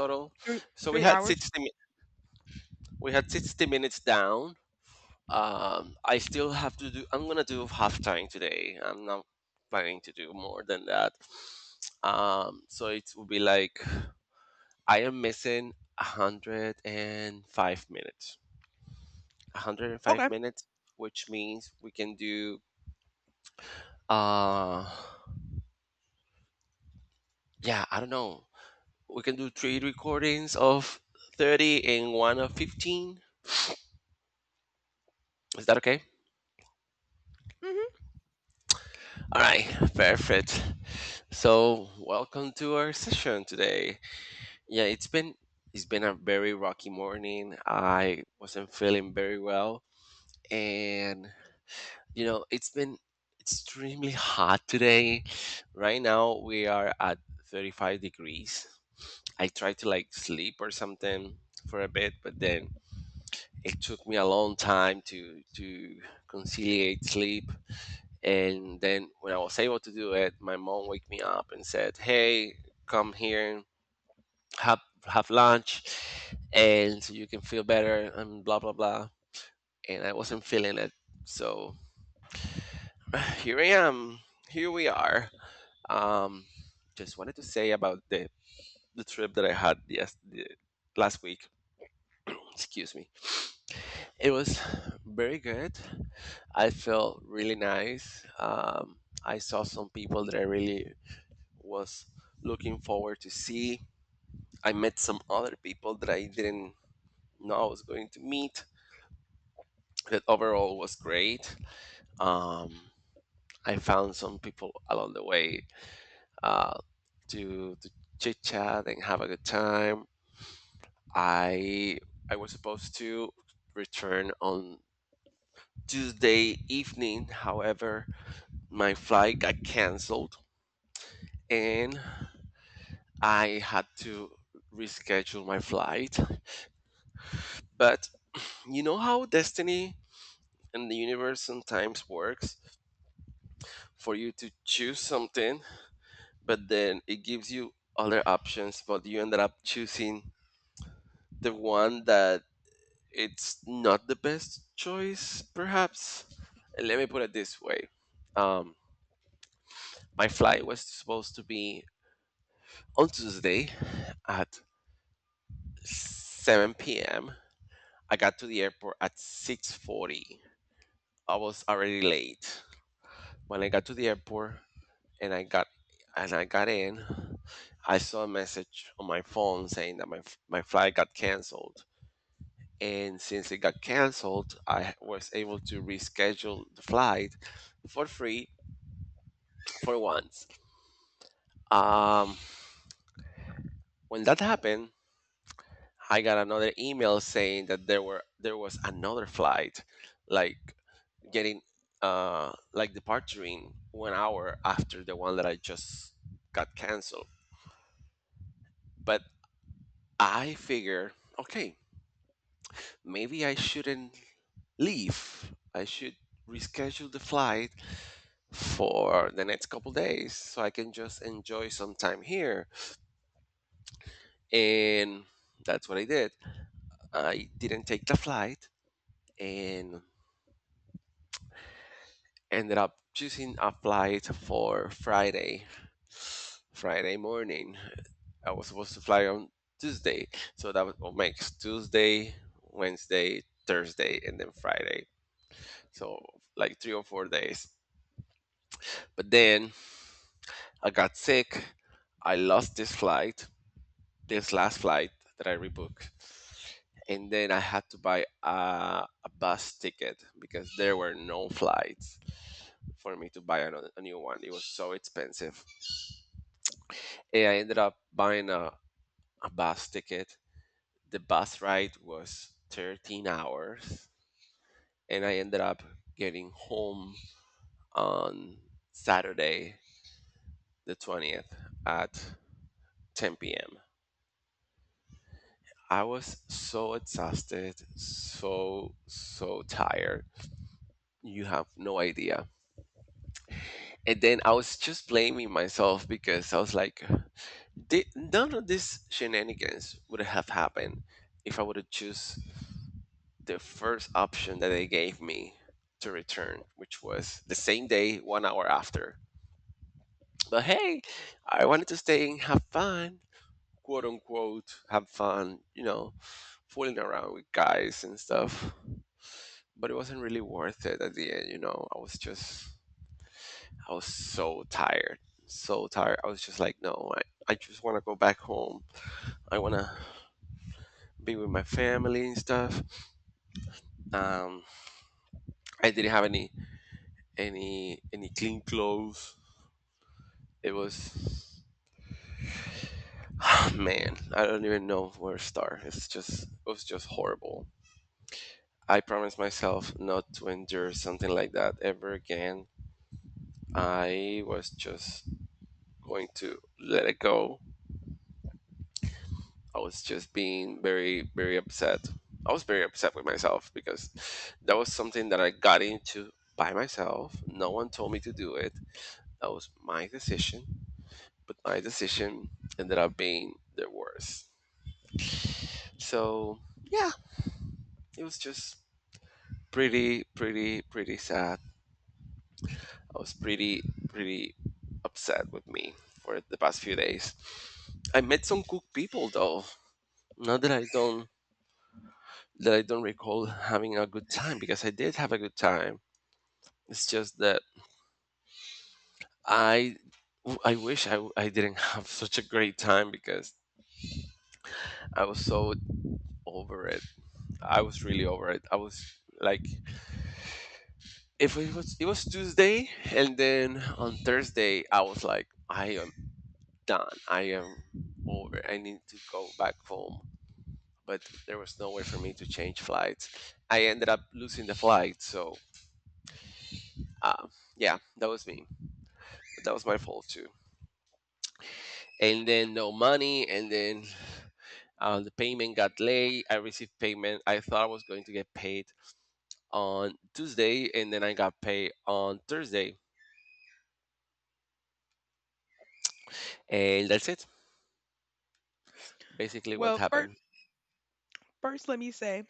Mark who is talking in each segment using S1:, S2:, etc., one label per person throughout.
S1: Total.
S2: Three
S1: So we
S2: three
S1: had
S2: hours.
S1: 60 mi- we had 60 minutes down. Um, I still have to do. I'm gonna do half time today. I'm not planning to do more than that. Um, so it will be like I am missing 105 minutes. 105
S2: Okay.
S1: minutes, which means we can do. Uh, yeah, I don't know. We can do three recordings of 30 and one of 15. Is that okay?
S2: hmm
S1: All right, perfect. So, welcome to our session today. Yeah, it's been a very rocky morning. I wasn't feeling very well, and you know, it's been extremely hot today. Right now, we are at 35 degrees. I tried to like sleep or something for a bit, but then it took me a long time to conciliate sleep. And then when I was able to do it, my mom woke me up and said, "Hey, come here, and have have lunch, and so you can feel better." And blah blah blah. And I wasn't feeling it, so here I am. Here we are. Um, just wanted to say about the trip that I had yes the, last week. Excuse me. It was very good. I felt really nice. I saw some people that I really was looking forward to see. I met some other people that I didn't know I was going to meet. That overall was great. Um, I found some people along the way uh, to chit chat and have a good time. I I was supposed to return on Tuesday evening. However, my flight got canceled and I had to reschedule my flight. But you know how destiny and the universe sometimes works for you to choose something, but then it gives you other options, but you ended up choosing the one that it's not the best choice, perhaps. Let me put it this way. Um, my flight was supposed to be on Tuesday at 7 p.m. I got to the airport at 6:40. I was already late. When I got to the airport and I got and I got in, I saw a message on my phone saying that my flight got canceled. And since it got canceled, I was able to reschedule the flight for free for once. Um, when that happened, I got another email saying that there was another flight, like getting like departing 1 hour after the one that I just got canceled. But I figure, okay, maybe I shouldn't leave. I should reschedule the flight for the next couple days so I can just enjoy some time here. And that's what I did. I didn't take the flight and ended up choosing a flight for Friday, Friday morning. I was supposed to fly on Tuesday, so that will make Tuesday, Wednesday, Thursday, and then Friday. So like 3 or 4 days. But then I got sick. I lost this flight, this last flight that I rebooked, and then I had to buy a bus ticket because there were no flights for me to buy another, a new one. It was so expensive. And I ended up buying a bus ticket. The bus ride was 13 hours, and I ended up getting home on Saturday, the 20th, at 10 p.m. I was so exhausted, so, so tired. You have no idea. And then I was just blaming myself because I was like, None of these shenanigans would have happened if I would have choose the first option that they gave me to return, which was the same day, 1 hour after. But hey, I wanted to stay and have fun. Quote unquote have fun, you know, fooling around with guys and stuff." But it wasn't really worth it, at the end, you know. I was just, I was so tired, so tired. I was just like, no, I just want to go back home. I want to be with my family and stuff. Um, I didn't have any clean clothes. It was, man, I don't even know where to start. It's just, it was just horrible. I promised myself not to endure something like that ever again. I was just going to let it go. I was just being very, very upset. I was very upset with myself because that was something that I got into by myself. No one told me to do it. That was my decision, but my decision ended up being the worst. So, yeah, it was just pretty, pretty, pretty sad. I was pretty pretty upset with me for the past few days. I met some cool people though. Not that I don't recall having a good time because I did have a good time. It's just that I I wish I didn't have such a great time because I was so over it. I was really over it. I was like if it was it was Tuesday and then on Thursday I was like I am done. I am over. I need to go back home but there was no way for me to change flights. I ended up losing the flight, so uh, yeah, that was me. That was my fault too. And then no money, and then the payment got late. I received payment. I thought I was going to get paid on Tuesday, and then I got paid on Thursday, and that's it. Basically, what
S2: Well, first,
S1: happened?
S2: first, let me say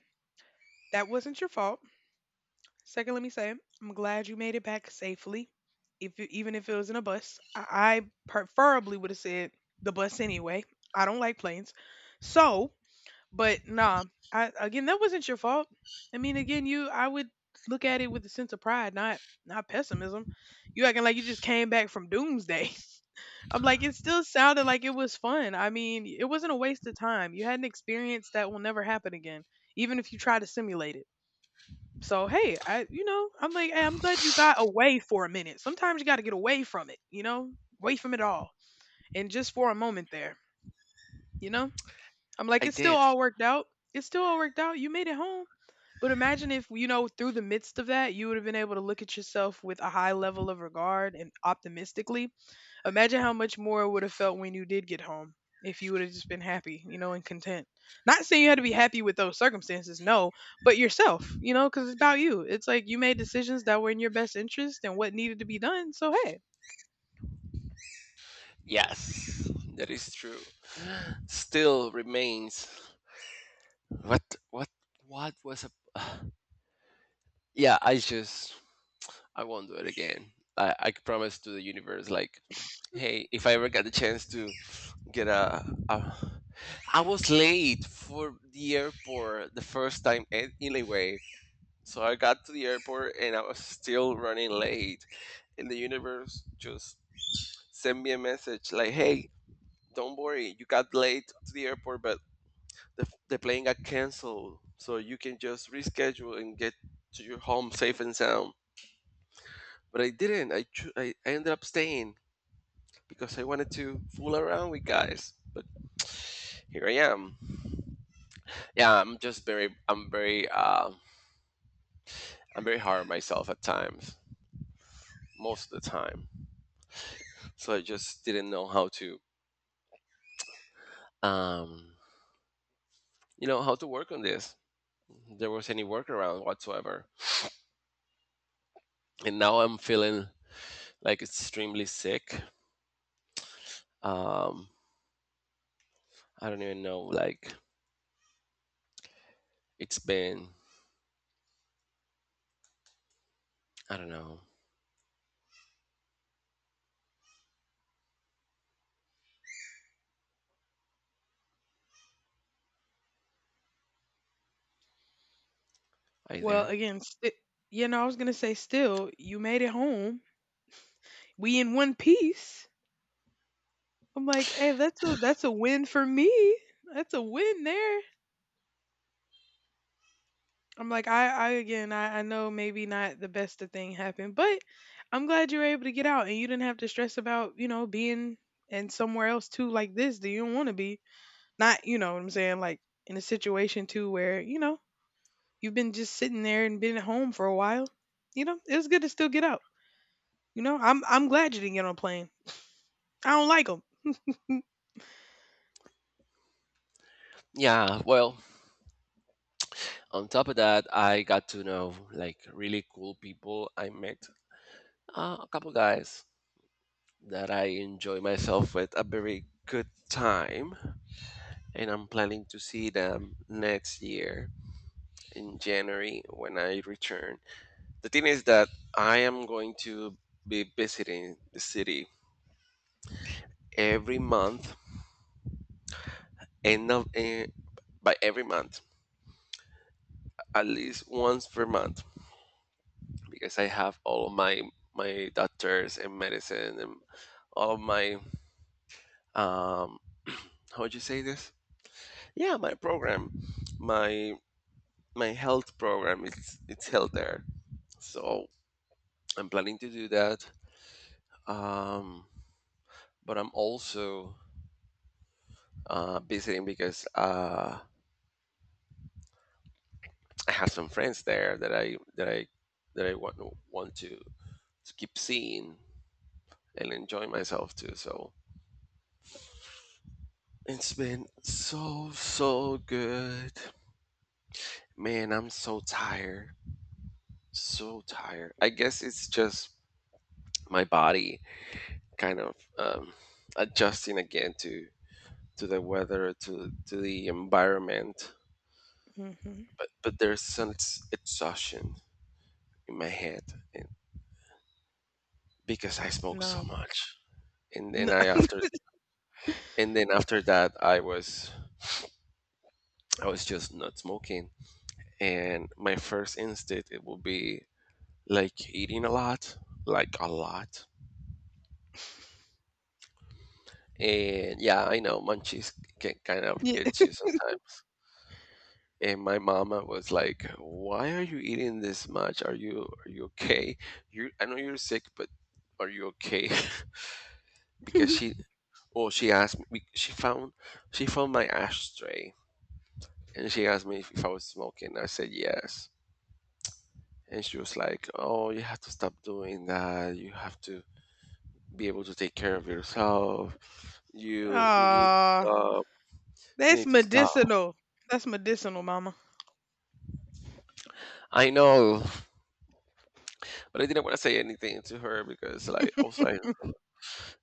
S2: that wasn't your fault. Second, let me say I'm glad you made it back safely. If you, even if it was in a bus, I preferably would have said the bus anyway. I don't like planes, so but nah. I again, that wasn't your fault. I mean, again, you I would look at it with a sense of pride, not pessimism. You acting like you just came back from doomsday. I'm like, it still sounded like it was fun. I mean, it wasn't a waste of time. You had an experience that will never happen again, even if you try to simulate it. So, hey, I, you know, I'm like, hey, I'm glad you got away for a minute. Sometimes you got to get away from it, you know, away from it all. And just for a moment there, you know, I'm like,
S1: I
S2: it still
S1: did.
S2: all worked out. It still all worked out. You made it home. But imagine if, you know, through the midst of that, you would have been able to look at yourself with a high level of regard and optimistically. Imagine how much more it would have felt when you did get home if you would have just been happy, you know, and content. Not saying you had to be happy with those circumstances, no, but yourself, you know, because it's about you. It's like you made decisions that were in your best interest and what needed to be done. So, hey,
S1: Yes, that is true. Still remains. What? What? What was a? Yeah, I just I won't do it again. I promise to the universe, like, hey, if I ever get the chance to get a I was late for the airport the first time anyway. So I got to the airport and I was still running late. And the universe just sent me a message like, hey, don't worry, you got late to the airport, but the plane got canceled. So you can just reschedule and get to your home safe and sound but I didn't. I ended up staying because I wanted to fool around with guys. But here I am. Yeah, I'm very I'm very hard on myself at times, most of the time. So I just didn't know how to um you know how to work on this. There was any workaround whatsoever, and now I'm feeling like extremely sick. Um, I don't even know. Like it's been I don't know. Are you
S2: well,
S1: there?
S2: again, you know, I was going to say, still, you made it home. We in one piece. I'm like, hey, that's a win for me. That's a win there. I'm like, I again, I know maybe not the best of thing happened, but I'm glad you were able to get out and you didn't have to stress about, you know, being in somewhere else too like this that you don't want to be. Not, you know what I'm saying, like in a situation too where, you know, you've been just sitting there and been at home for a while. You know, it was good to still get out. You know, I'm glad you didn't get on a plane. I don't like them.
S1: Yeah. Well, on top of that, I got to know like really cool people. I met a couple guys that I enjoy myself with a very good time, and I'm planning to see them next year in January when I return. The thing is that I am going to be visiting the city every month, and by every month, at least once per month. Because I have all my my doctors and medicine and all of my um how would you say this? Yeah, my program, my my health program it's held there. So I'm planning to do that. Um, but I'm also visiting because I have some friends there that I want to keep seeing and enjoy myself too. So it's been so, so good. Man, I'm so tired. So tired. I guess it's just my body kind of adjusting again to the weather, to the environment.
S2: Mm-hmm.
S1: But there's some exhaustion in my head and because I smoked so
S2: No.
S1: much. And then
S2: No.
S1: I after and then after that I was just not smoking. And my first instinct it will be like eating a lot, like a lot. And yeah, I know munchies can kind of
S2: Yeah.
S1: get you sometimes. And my mama was like, "Why are you eating this much? Are you okay? You I know you're sick, but are you okay?" Because she, well, she asked me. She found my ashtray, and she asked me if I was smoking. I said yes, and she was like, "Oh, you have to stop doing that. You have to be able to take care of yourself. You need to
S2: Ah,
S1: stop. You
S2: that's
S1: need to stop."
S2: medicinal. That's medicinal, mama.
S1: I know, but I didn't want to say anything to her because like I was like,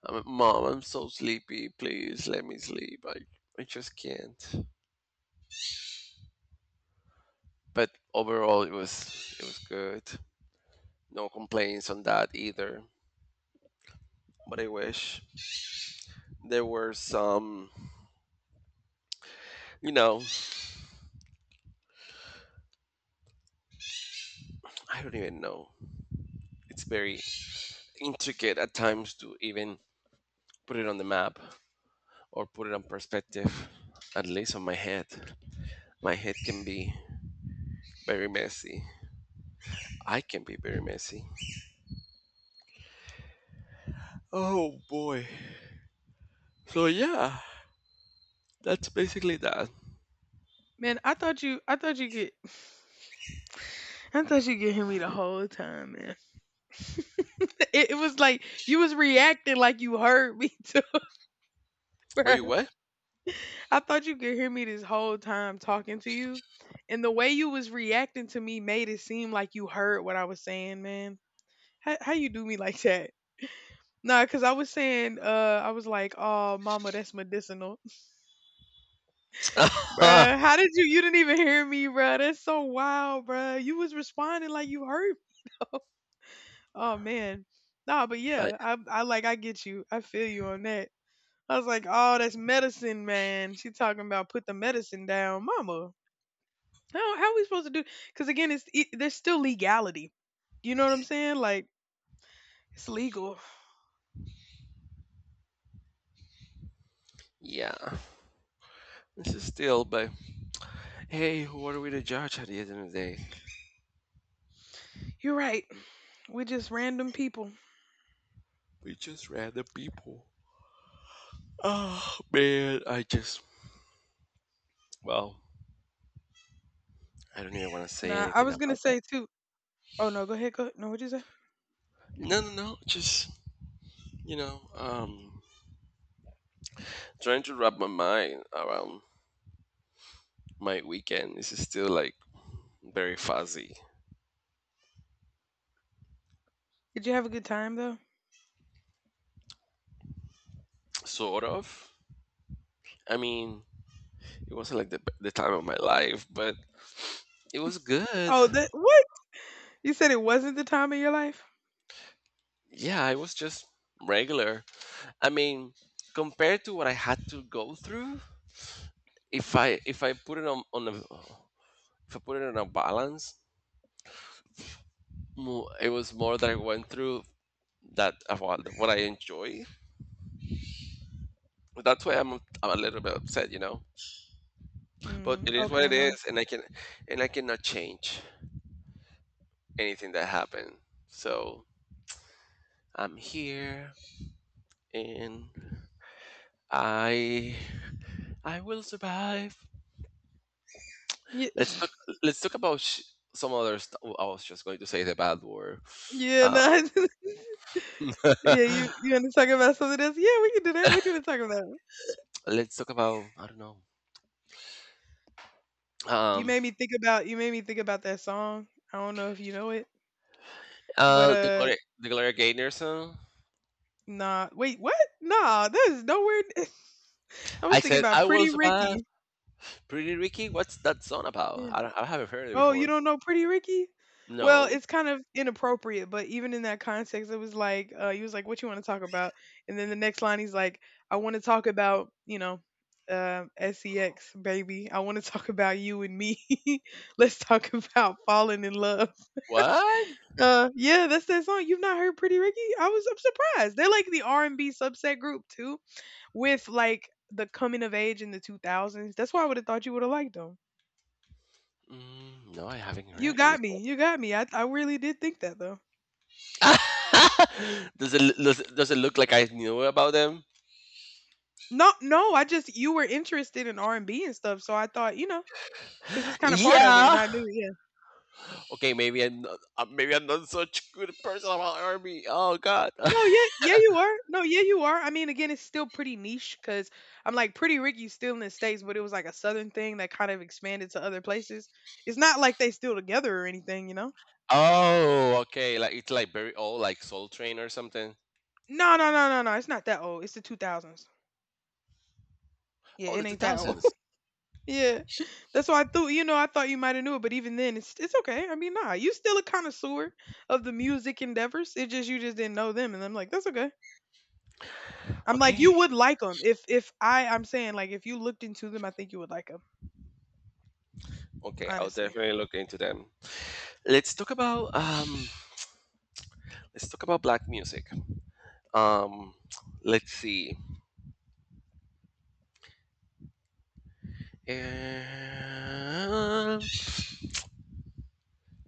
S1: "Mom, I'm so sleepy. Please let me sleep. I just can't." But overall, it was good. No complaints on that either. But I wish there were some, you know, I don't even know. It's very intricate at times to even put it on the map. Or put it on perspective, at least on my head. My head can be very messy. I can be very messy. Oh boy. So yeah, that's basically that.
S2: Man, I thought you get. I thought you could hear me the whole time, man. It was like you was reacting like you heard me too,
S1: But you
S2: bruh.
S1: what?
S2: I thought you could hear me this whole time talking to you. And the way you was reacting to me made it seem like you heard what I was saying, man. How you do me like that? Nah, cause I was saying, I was like, "Oh, mama, that's medicinal, bruh." How did you? You didn't even hear me, bruh. That's so wild, bruh. You was responding like you heard. Oh man. Nah, but
S1: like
S2: yeah, I get you. I feel you on that. I was like, oh, that's medicine, man. She talking about put the medicine down, mama. How we supposed to do? Because again, there's still legality. You know what I'm saying? Like it's legal.
S1: yeah. This is still but Hey, who are we to judge at the end of the day?
S2: You're right. We're just random people.
S1: We just random people. Oh man, I just well, I don't even want to say
S2: Nah, I
S1: anything
S2: was gonna
S1: about that.
S2: say too. Oh no, go ahead. Go. No, what'd you say?
S1: No, no, no, just you know, um trying to wrap my mind around my weekend is still like very fuzzy,
S2: Did you have a good time though?
S1: sort of. I mean, it wasn't like the time of my life, but it was good.
S2: Oh, that what? You said it wasn't the time of your life.
S1: Yeah, it was just regular. I mean, compared to what I had to go through, if I put it on a balance, it was more that I went through that of what I enjoy. That's why I'm a little bit upset. But
S2: Mm,
S1: it is what it
S2: okay, no.
S1: is, and I cannot change anything that happened. So I'm here and I I will survive.
S2: Yeah,
S1: Let's talk let's talk about some other stuff. I was just going to say the bad word.
S2: yeah,
S1: Uh,
S2: no. Yeah, you wanna talk about something else? Yeah, we can do that. What you wanna talk about?
S1: let's talk about I don't know. Um
S2: You made me think about that song. I don't know if you know it, but,
S1: the Gloria, the Gloria Gaynor song.
S2: nah. Wait, what? Nah, that is nowhere. I
S1: I
S2: was thinking
S1: said
S2: about
S1: I will
S2: Pretty
S1: survive.
S2: Ricky.
S1: Pretty Ricky, what's that song about?
S2: Yeah.
S1: I don't, I haven't heard it
S2: Oh, you
S1: before.
S2: don't know Pretty Ricky? Well,
S1: No.
S2: it's kind of inappropriate, but even in that context, it was like, he was like, "What you want to talk about?" And then the next line, he's like, "I want to talk about, you know, uh, sex, baby. I want to talk about you and me. Let's talk about falling in love."
S1: What?
S2: Yeah, that's that song. You've not heard Pretty Ricky? I'm surprised. They're like the R and B subset group too, with like the coming of age in the 2000s. That's why I would have thought you would have liked them.
S1: Mm, no, I haven't
S2: You
S1: heard any.
S2: got me. You got me. I really did think that though.
S1: Does it look like I knew about them?
S2: No, no, I just you were interested in R&B and B and stuff, so I thought, you know, because it's kinda part of it, and
S1: Yeah.
S2: I knew, yeah.
S1: Okay, maybe I'm not such good person about army. Oh God.
S2: No, yeah, yeah, you are. No, yeah, you are. I mean, again, it's still pretty niche because 'cause I'm like, Pretty Ricky's still in the States, but it was like a Southern thing that kind of expanded to other places. It's not like they still together or anything, you know?
S1: Oh, okay. Like it's like very old, like Soul Train or something.
S2: No, no, no, no, no, it's not that old, it's the 2000s. Yeah,
S1: Oh, the
S2: it
S1: two
S2: ain't that old.
S1: thousands.
S2: Yeah, that's why I thought you know I thought you might have knew it, but even then, it's okay. I mean, nah, you still a connoisseur of the music endeavors. It just you just didn't know them, and I'm like, that's okay. I'm like,
S1: Okay,
S2: you would like them if I'm saying like if you looked into them, I think you would like them.
S1: okay. I'll
S2: Honestly,
S1: definitely look into them. Let's talk about um. Let's talk about black music. Um, let's see. Um,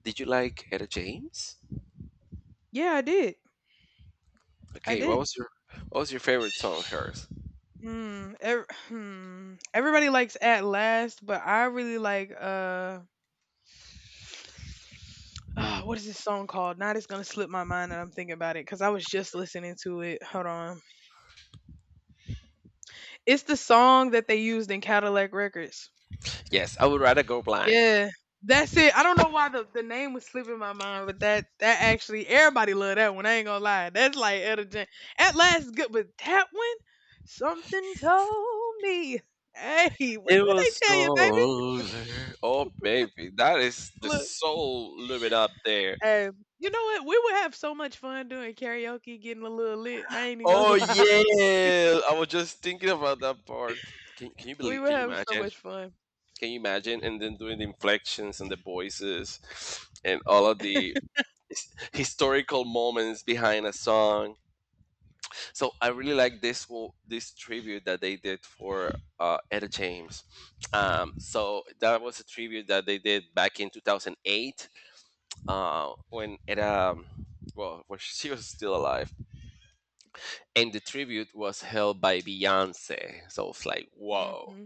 S1: did you like Etta James?
S2: yeah, I did, I
S1: Okay, what
S2: did.
S1: was your what was your favorite song of hers?
S2: Hmm. Hmm. Everybody likes At Last, but I really like uh, what is this song called? Now it's gonna slip my mind, that I'm thinking about it because I was just listening to it. Hold on. It's the song that they used in Cadillac Records.
S1: Yes, I would rather go blind.
S2: Yeah. That's it. I don't know why the name was slipping my mind, but that actually everybody love that one. I ain't gonna lie. That's like Elder Jam. At last good but that one, something told me. Hey, what
S1: It
S2: what they
S1: was so
S2: tell you, baby?
S1: lonely. Oh baby, that is the
S2: Look,
S1: soul limit up there.
S2: hey, you know what? We would have so much fun doing karaoke, getting a little lit. I ain't even
S1: Oh
S2: gonna lie.
S1: yeah, I was just thinking about that part. Can you
S2: We
S1: believe?
S2: would
S1: Can you
S2: have so
S1: imagine?
S2: much fun.
S1: Can you imagine? And then doing the inflections and the voices, and all of the historical moments behind a song. So I really like this tribute that they did for Etta James. So that was a tribute that they did back in 2008 when Etta, well, when she was still alive, and the tribute was held by Beyonce. So it's like whoa.
S2: Mm-hmm.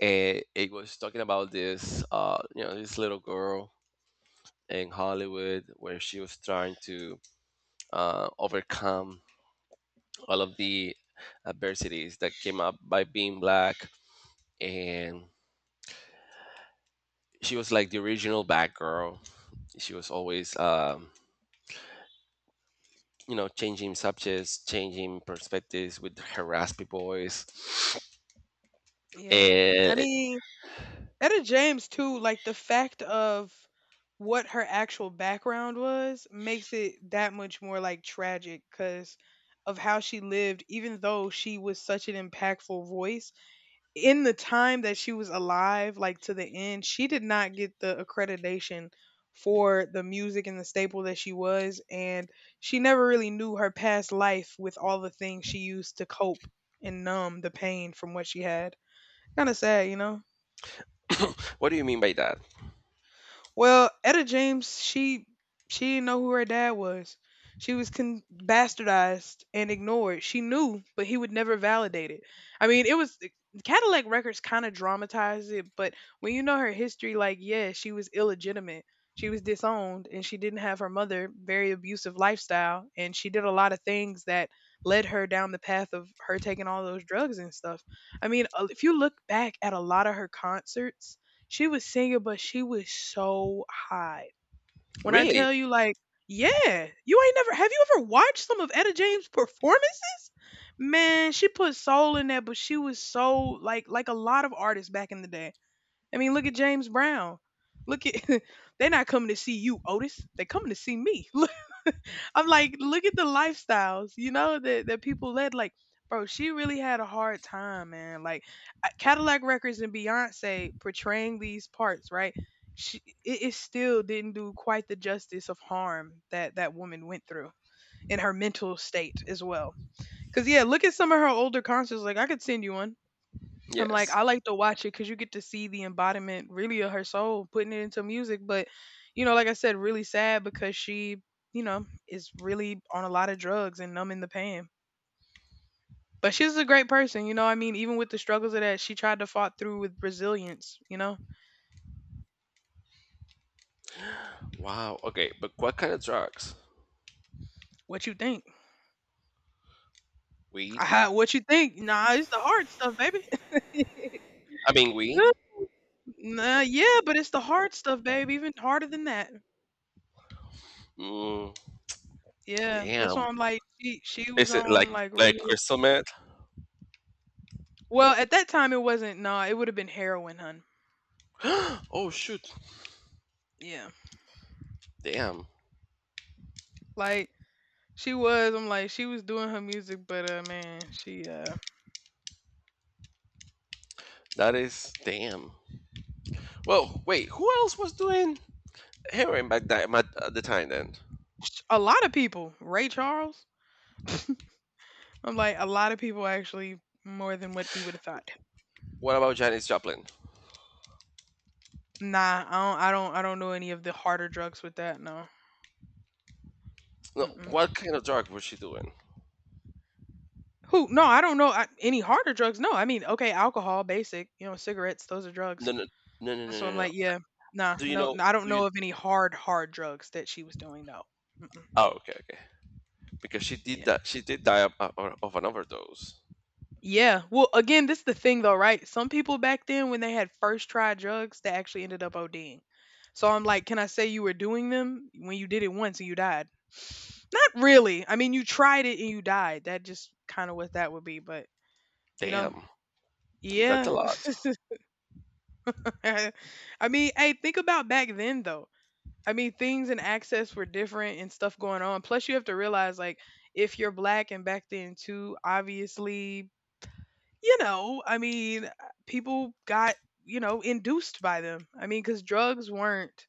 S1: And it was talking about this little girl in Hollywood where she was trying to overcome all of the adversities that came up by being black, and she was like the original Batgirl. She was always, changing subjects, changing perspectives with her raspy voice.
S2: Yeah. I
S1: And
S2: mean, Etta James too, like the fact of what her actual background was makes it that much more like tragic because of how she lived, even though she was such an impactful voice. In the time that she was alive, like to the end, she did not get the accreditation for the music and the staple that she was. And she never really knew her past life with all the things she used to cope and numb the pain from what she had. Kind of sad, you know?
S1: what do you mean by that?
S2: Well, Etta James, she didn't know who her dad was. She was bastardized and ignored. She knew, but he would never validate it. I mean, it was Cadillac Records kind of dramatized it, but when you know her history, like yeah, she was illegitimate. She was disowned, and she didn't have her mother. Very abusive lifestyle, and she did a lot of things that led her down the path of her taking all those drugs and stuff. I mean, if you look back at a lot of her concerts, she was singing, but she was so high. When I
S1: Really?
S2: tell you, like, yeah, you ain't never have you ever watched some of Etta James' performances? Man, she put soul in that, but she was so like a lot of artists back in the day. I mean, look at James Brown. Look at. They're not coming to see you, Otis. They're coming to see me. I'm like, look at the lifestyles, you know, that people led. Like, bro, she really had a hard time, man. Like, Cadillac Records and Beyonce portraying these parts, right? It still didn't do quite the justice of harm that that woman went through in her mental state as well. Because, yeah, look at some of her older concerts. Like, I could send you one. I'm like, I
S1: Yes.
S2: like to watch it because you get to see the embodiment really of her soul putting it into music. But, you know, like I said, really sad because you know, is really on a lot of drugs and numbing the pain. But she's a great person, you know. I mean, even with the struggles of that, she tried to fought through with resilience, you know.
S1: Wow. Okay, but what kind of drugs?
S2: What you think?
S1: Weed?
S2: Ah, what you think? Nah, it's the hard stuff, baby.
S1: I mean, weed.
S2: Nah, yeah, but it's the hard stuff, babe. Even harder than that.
S1: Mm,
S2: Yeah, that's why
S1: damn.
S2: I'm like, she was
S1: Is it like
S2: on like
S1: like
S2: real.
S1: crystal meth?
S2: Well, at that time it wasn't nah, it would have been heroin, hun.
S1: Oh shoot.
S2: Yeah.
S1: Damn.
S2: Like she was, I'm like, she was doing her music, but man, she
S1: That is damn. Well, wait. Who else was doing heroin back that at the time then?
S2: a lot of people, Ray Charles. I'm like, a lot of people actually more than what we would have thought.
S1: What about Janis Joplin?
S2: Nah, I don't know any of the harder drugs with that, no.
S1: No,
S2: Mm-mm.
S1: what kind of drug was she doing?
S2: Who? No, I don't know I, any harder drugs. No, I mean, okay, alcohol, basic, you know, cigarettes, those are
S1: No,
S2: drugs.
S1: no, no, no, no,
S2: So I'm
S1: no, no.
S2: like, yeah, nah,
S1: Do you
S2: no,
S1: know?
S2: I don't
S1: Do you?
S2: know of any hard, hard drugs that she was doing. No. Mm-mm.
S1: Oh, okay, okay. Because she did
S2: Yeah.
S1: that. She did die of an overdose.
S2: Yeah. Well, again, this is the thing though, right? Some people back then when they had first tried drugs, they actually ended up ODing. So I'm like, can I say you were doing them when you did it once and you died? Not really. I mean, you tried it and you died. That just kind of what that would be, but you know,
S1: Damn, that's a
S2: yeah.
S1: lot.
S2: I mean, hey, think about back then though. I mean, things and access were different and stuff going on. Plus, you have to realize like if you're black and back then too, obviously you know, I mean, people got, you know, induced by them. I mean, because drugs weren't,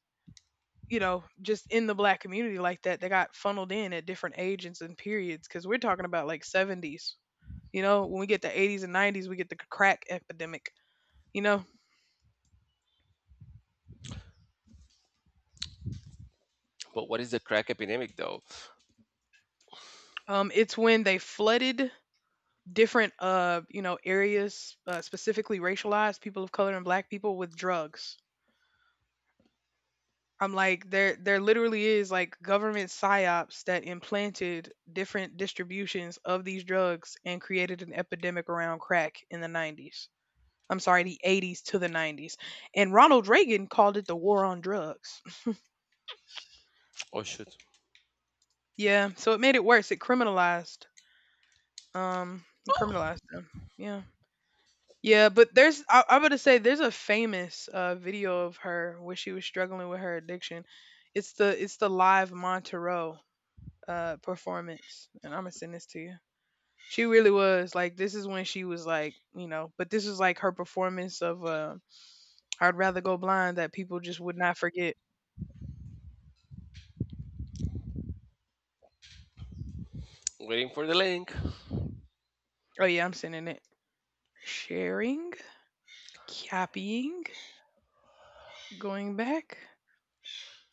S2: you know, just in the black community like that. They got funneled in at different ages and periods because we're talking about like 70's. You know, when we get to 80's and 90's, we get the crack epidemic. You know,
S1: But what is the crack epidemic, though?
S2: it's when they flooded different, you know, areas, specifically racialized people of color and black people with drugs. I'm like, there literally is like government psyops that implanted different distributions of these drugs and created an epidemic around crack in the 90's. I'm sorry, the 80's to the 90's. And Ronald Reagan called it the war on drugs.
S1: Oh shoot!
S2: Yeah, so it made it worse. It
S1: Oh,
S2: criminalized them. Yeah. Yeah, but there's I, I'm gonna say there's a famous video of her where she was struggling with her addiction. It's the live Montero performance and I'm gonna send this to you. She really was like this is when she was like, you know, but this is like her performance of I'd rather go blind that people just would not forget.
S1: waiting for the link.
S2: Oh yeah, I'm sending it. Sharing, copying, going back.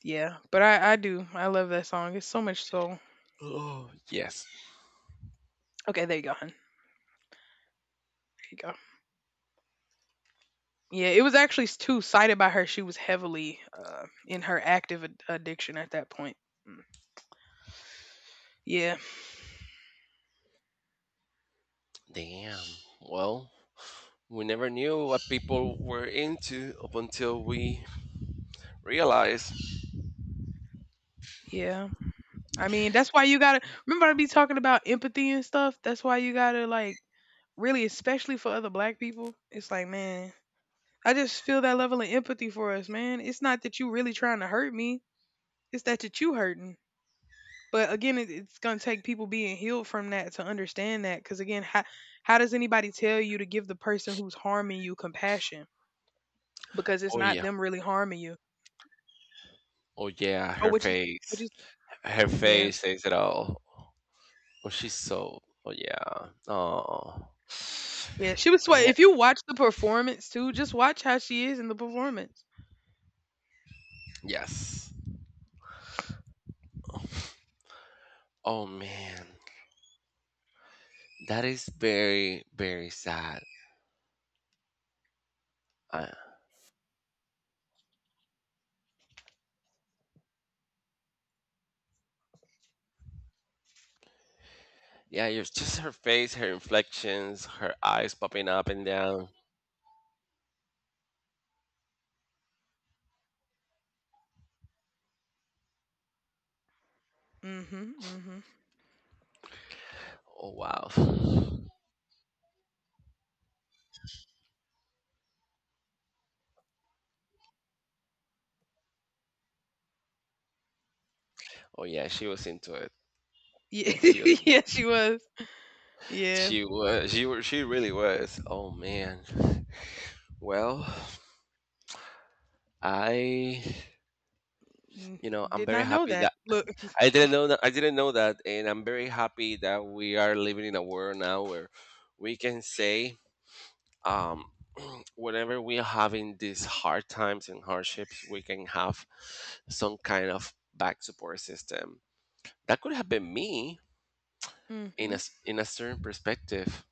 S2: Yeah, but I do. I love that song. It's so much soul.
S1: Oh yes.
S2: Okay, there you go, hun. There you go. Yeah, it was actually too cited by her. She was heavily in her active addiction at that point. Mm. Yeah,
S1: Damn. Well, we never knew what people were into up until we realized.
S2: yeah. I mean, that's why you gotta remember I be talking about empathy and stuff. That's why you gotta like really, especially for other black people. It's like, man, I just feel that level of empathy for us, man. It's not that you really trying to hurt me. It's that you hurting. But again, it's gonna take people being healed from that to understand that. Because again, how does anybody tell you to give the person who's harming you compassion? Because it's
S1: Oh
S2: not
S1: yeah.
S2: them really harming you.
S1: Oh yeah,
S2: Oh,
S1: her
S2: which is which
S1: face.
S2: is
S1: Her
S2: yeah.
S1: face says it all. Oh, she's so. Oh yeah. Oh.
S2: Yeah, she was sweat.
S1: Man.
S2: If you watch the performance too, just watch how she is in the performance.
S1: Yes. Oh man, that is very very sad. Uh, yeah, it's just her face, her inflections, her eyes popping up and down.
S2: Mhm, mhm.
S1: Oh wow. Oh yeah, she was into it.
S2: Ye
S1: She was.
S2: yeah, she was. Yeah,
S1: She was. She was. She really was. Oh man. Well, I.
S2: mm,
S1: I'm
S2: did
S1: very
S2: not know
S1: happy
S2: that.
S1: that.
S2: Look,
S1: I didn't know that. I didn't know that, and I'm very happy that we are living in a world now where we can say, um, whenever we are having these hard times and hardships, we can have some kind of back support system. That could have been me in a
S2: mhm.
S1: s- in a certain perspective,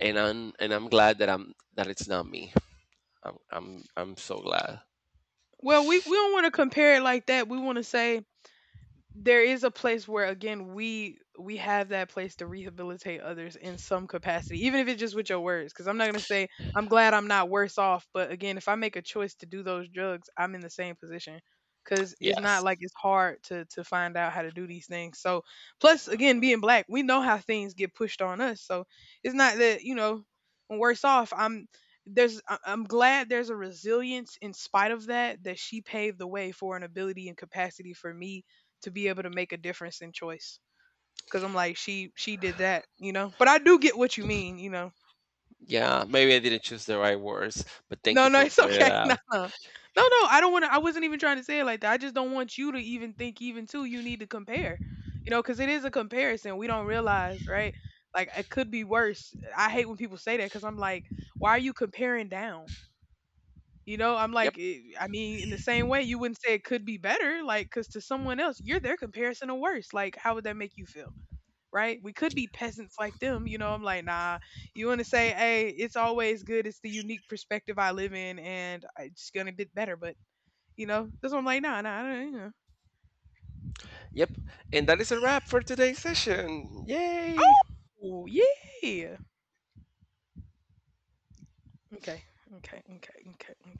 S1: and I'm glad that it's not me. I'm so glad.
S2: Well, we don't wanna compare it like that, we wanna say there is a place where again we have that place to rehabilitate others in some capacity even if it's just with your words because I'm not going to say I'm glad I'm not worse off, but again if I make a choice to do those drugs I'm in the same position, because it's
S1: Yes.
S2: not like it's hard to find out how to do these things. So plus again being black we know how things get pushed on us, so it's not that you know I'm worse off. I'm glad there's a resilience in spite of that, that she paved the way for an ability and capacity for me to be able to make a difference in choice. Cause I'm like, she did that, you know. But I do get what you mean, you know.
S1: Yeah. Maybe I didn't choose the right words, but thank you
S2: No, no,
S1: for
S2: it's
S1: pointing it
S2: okay. No,
S1: out.
S2: no, no, no. I don't want to. I wasn't even trying to say it like that. I just don't want you to even think, even too. You need to compare, you know, because it is a comparison. We don't realize, right? Like it could be worse. I hate when people say that because I'm like, why are you comparing down? You know, I'm
S1: Yep.
S2: like, eh, I mean, in the same way, you wouldn't say it could be better, like, because to someone else, you're their comparison or worse. Like, how would that make you feel? Right? We could be peasants like them, you know. I'm like, nah. You want to say, hey, it's always good. It's the unique perspective I live in, and it's gonna get better. But you know, that's what I'm like, nah, nah. I don't, you know.
S1: Yep. And that is a wrap for today's session. Yay!
S2: Oh yeah. Okay. Okay. Okay. Okay. Okay.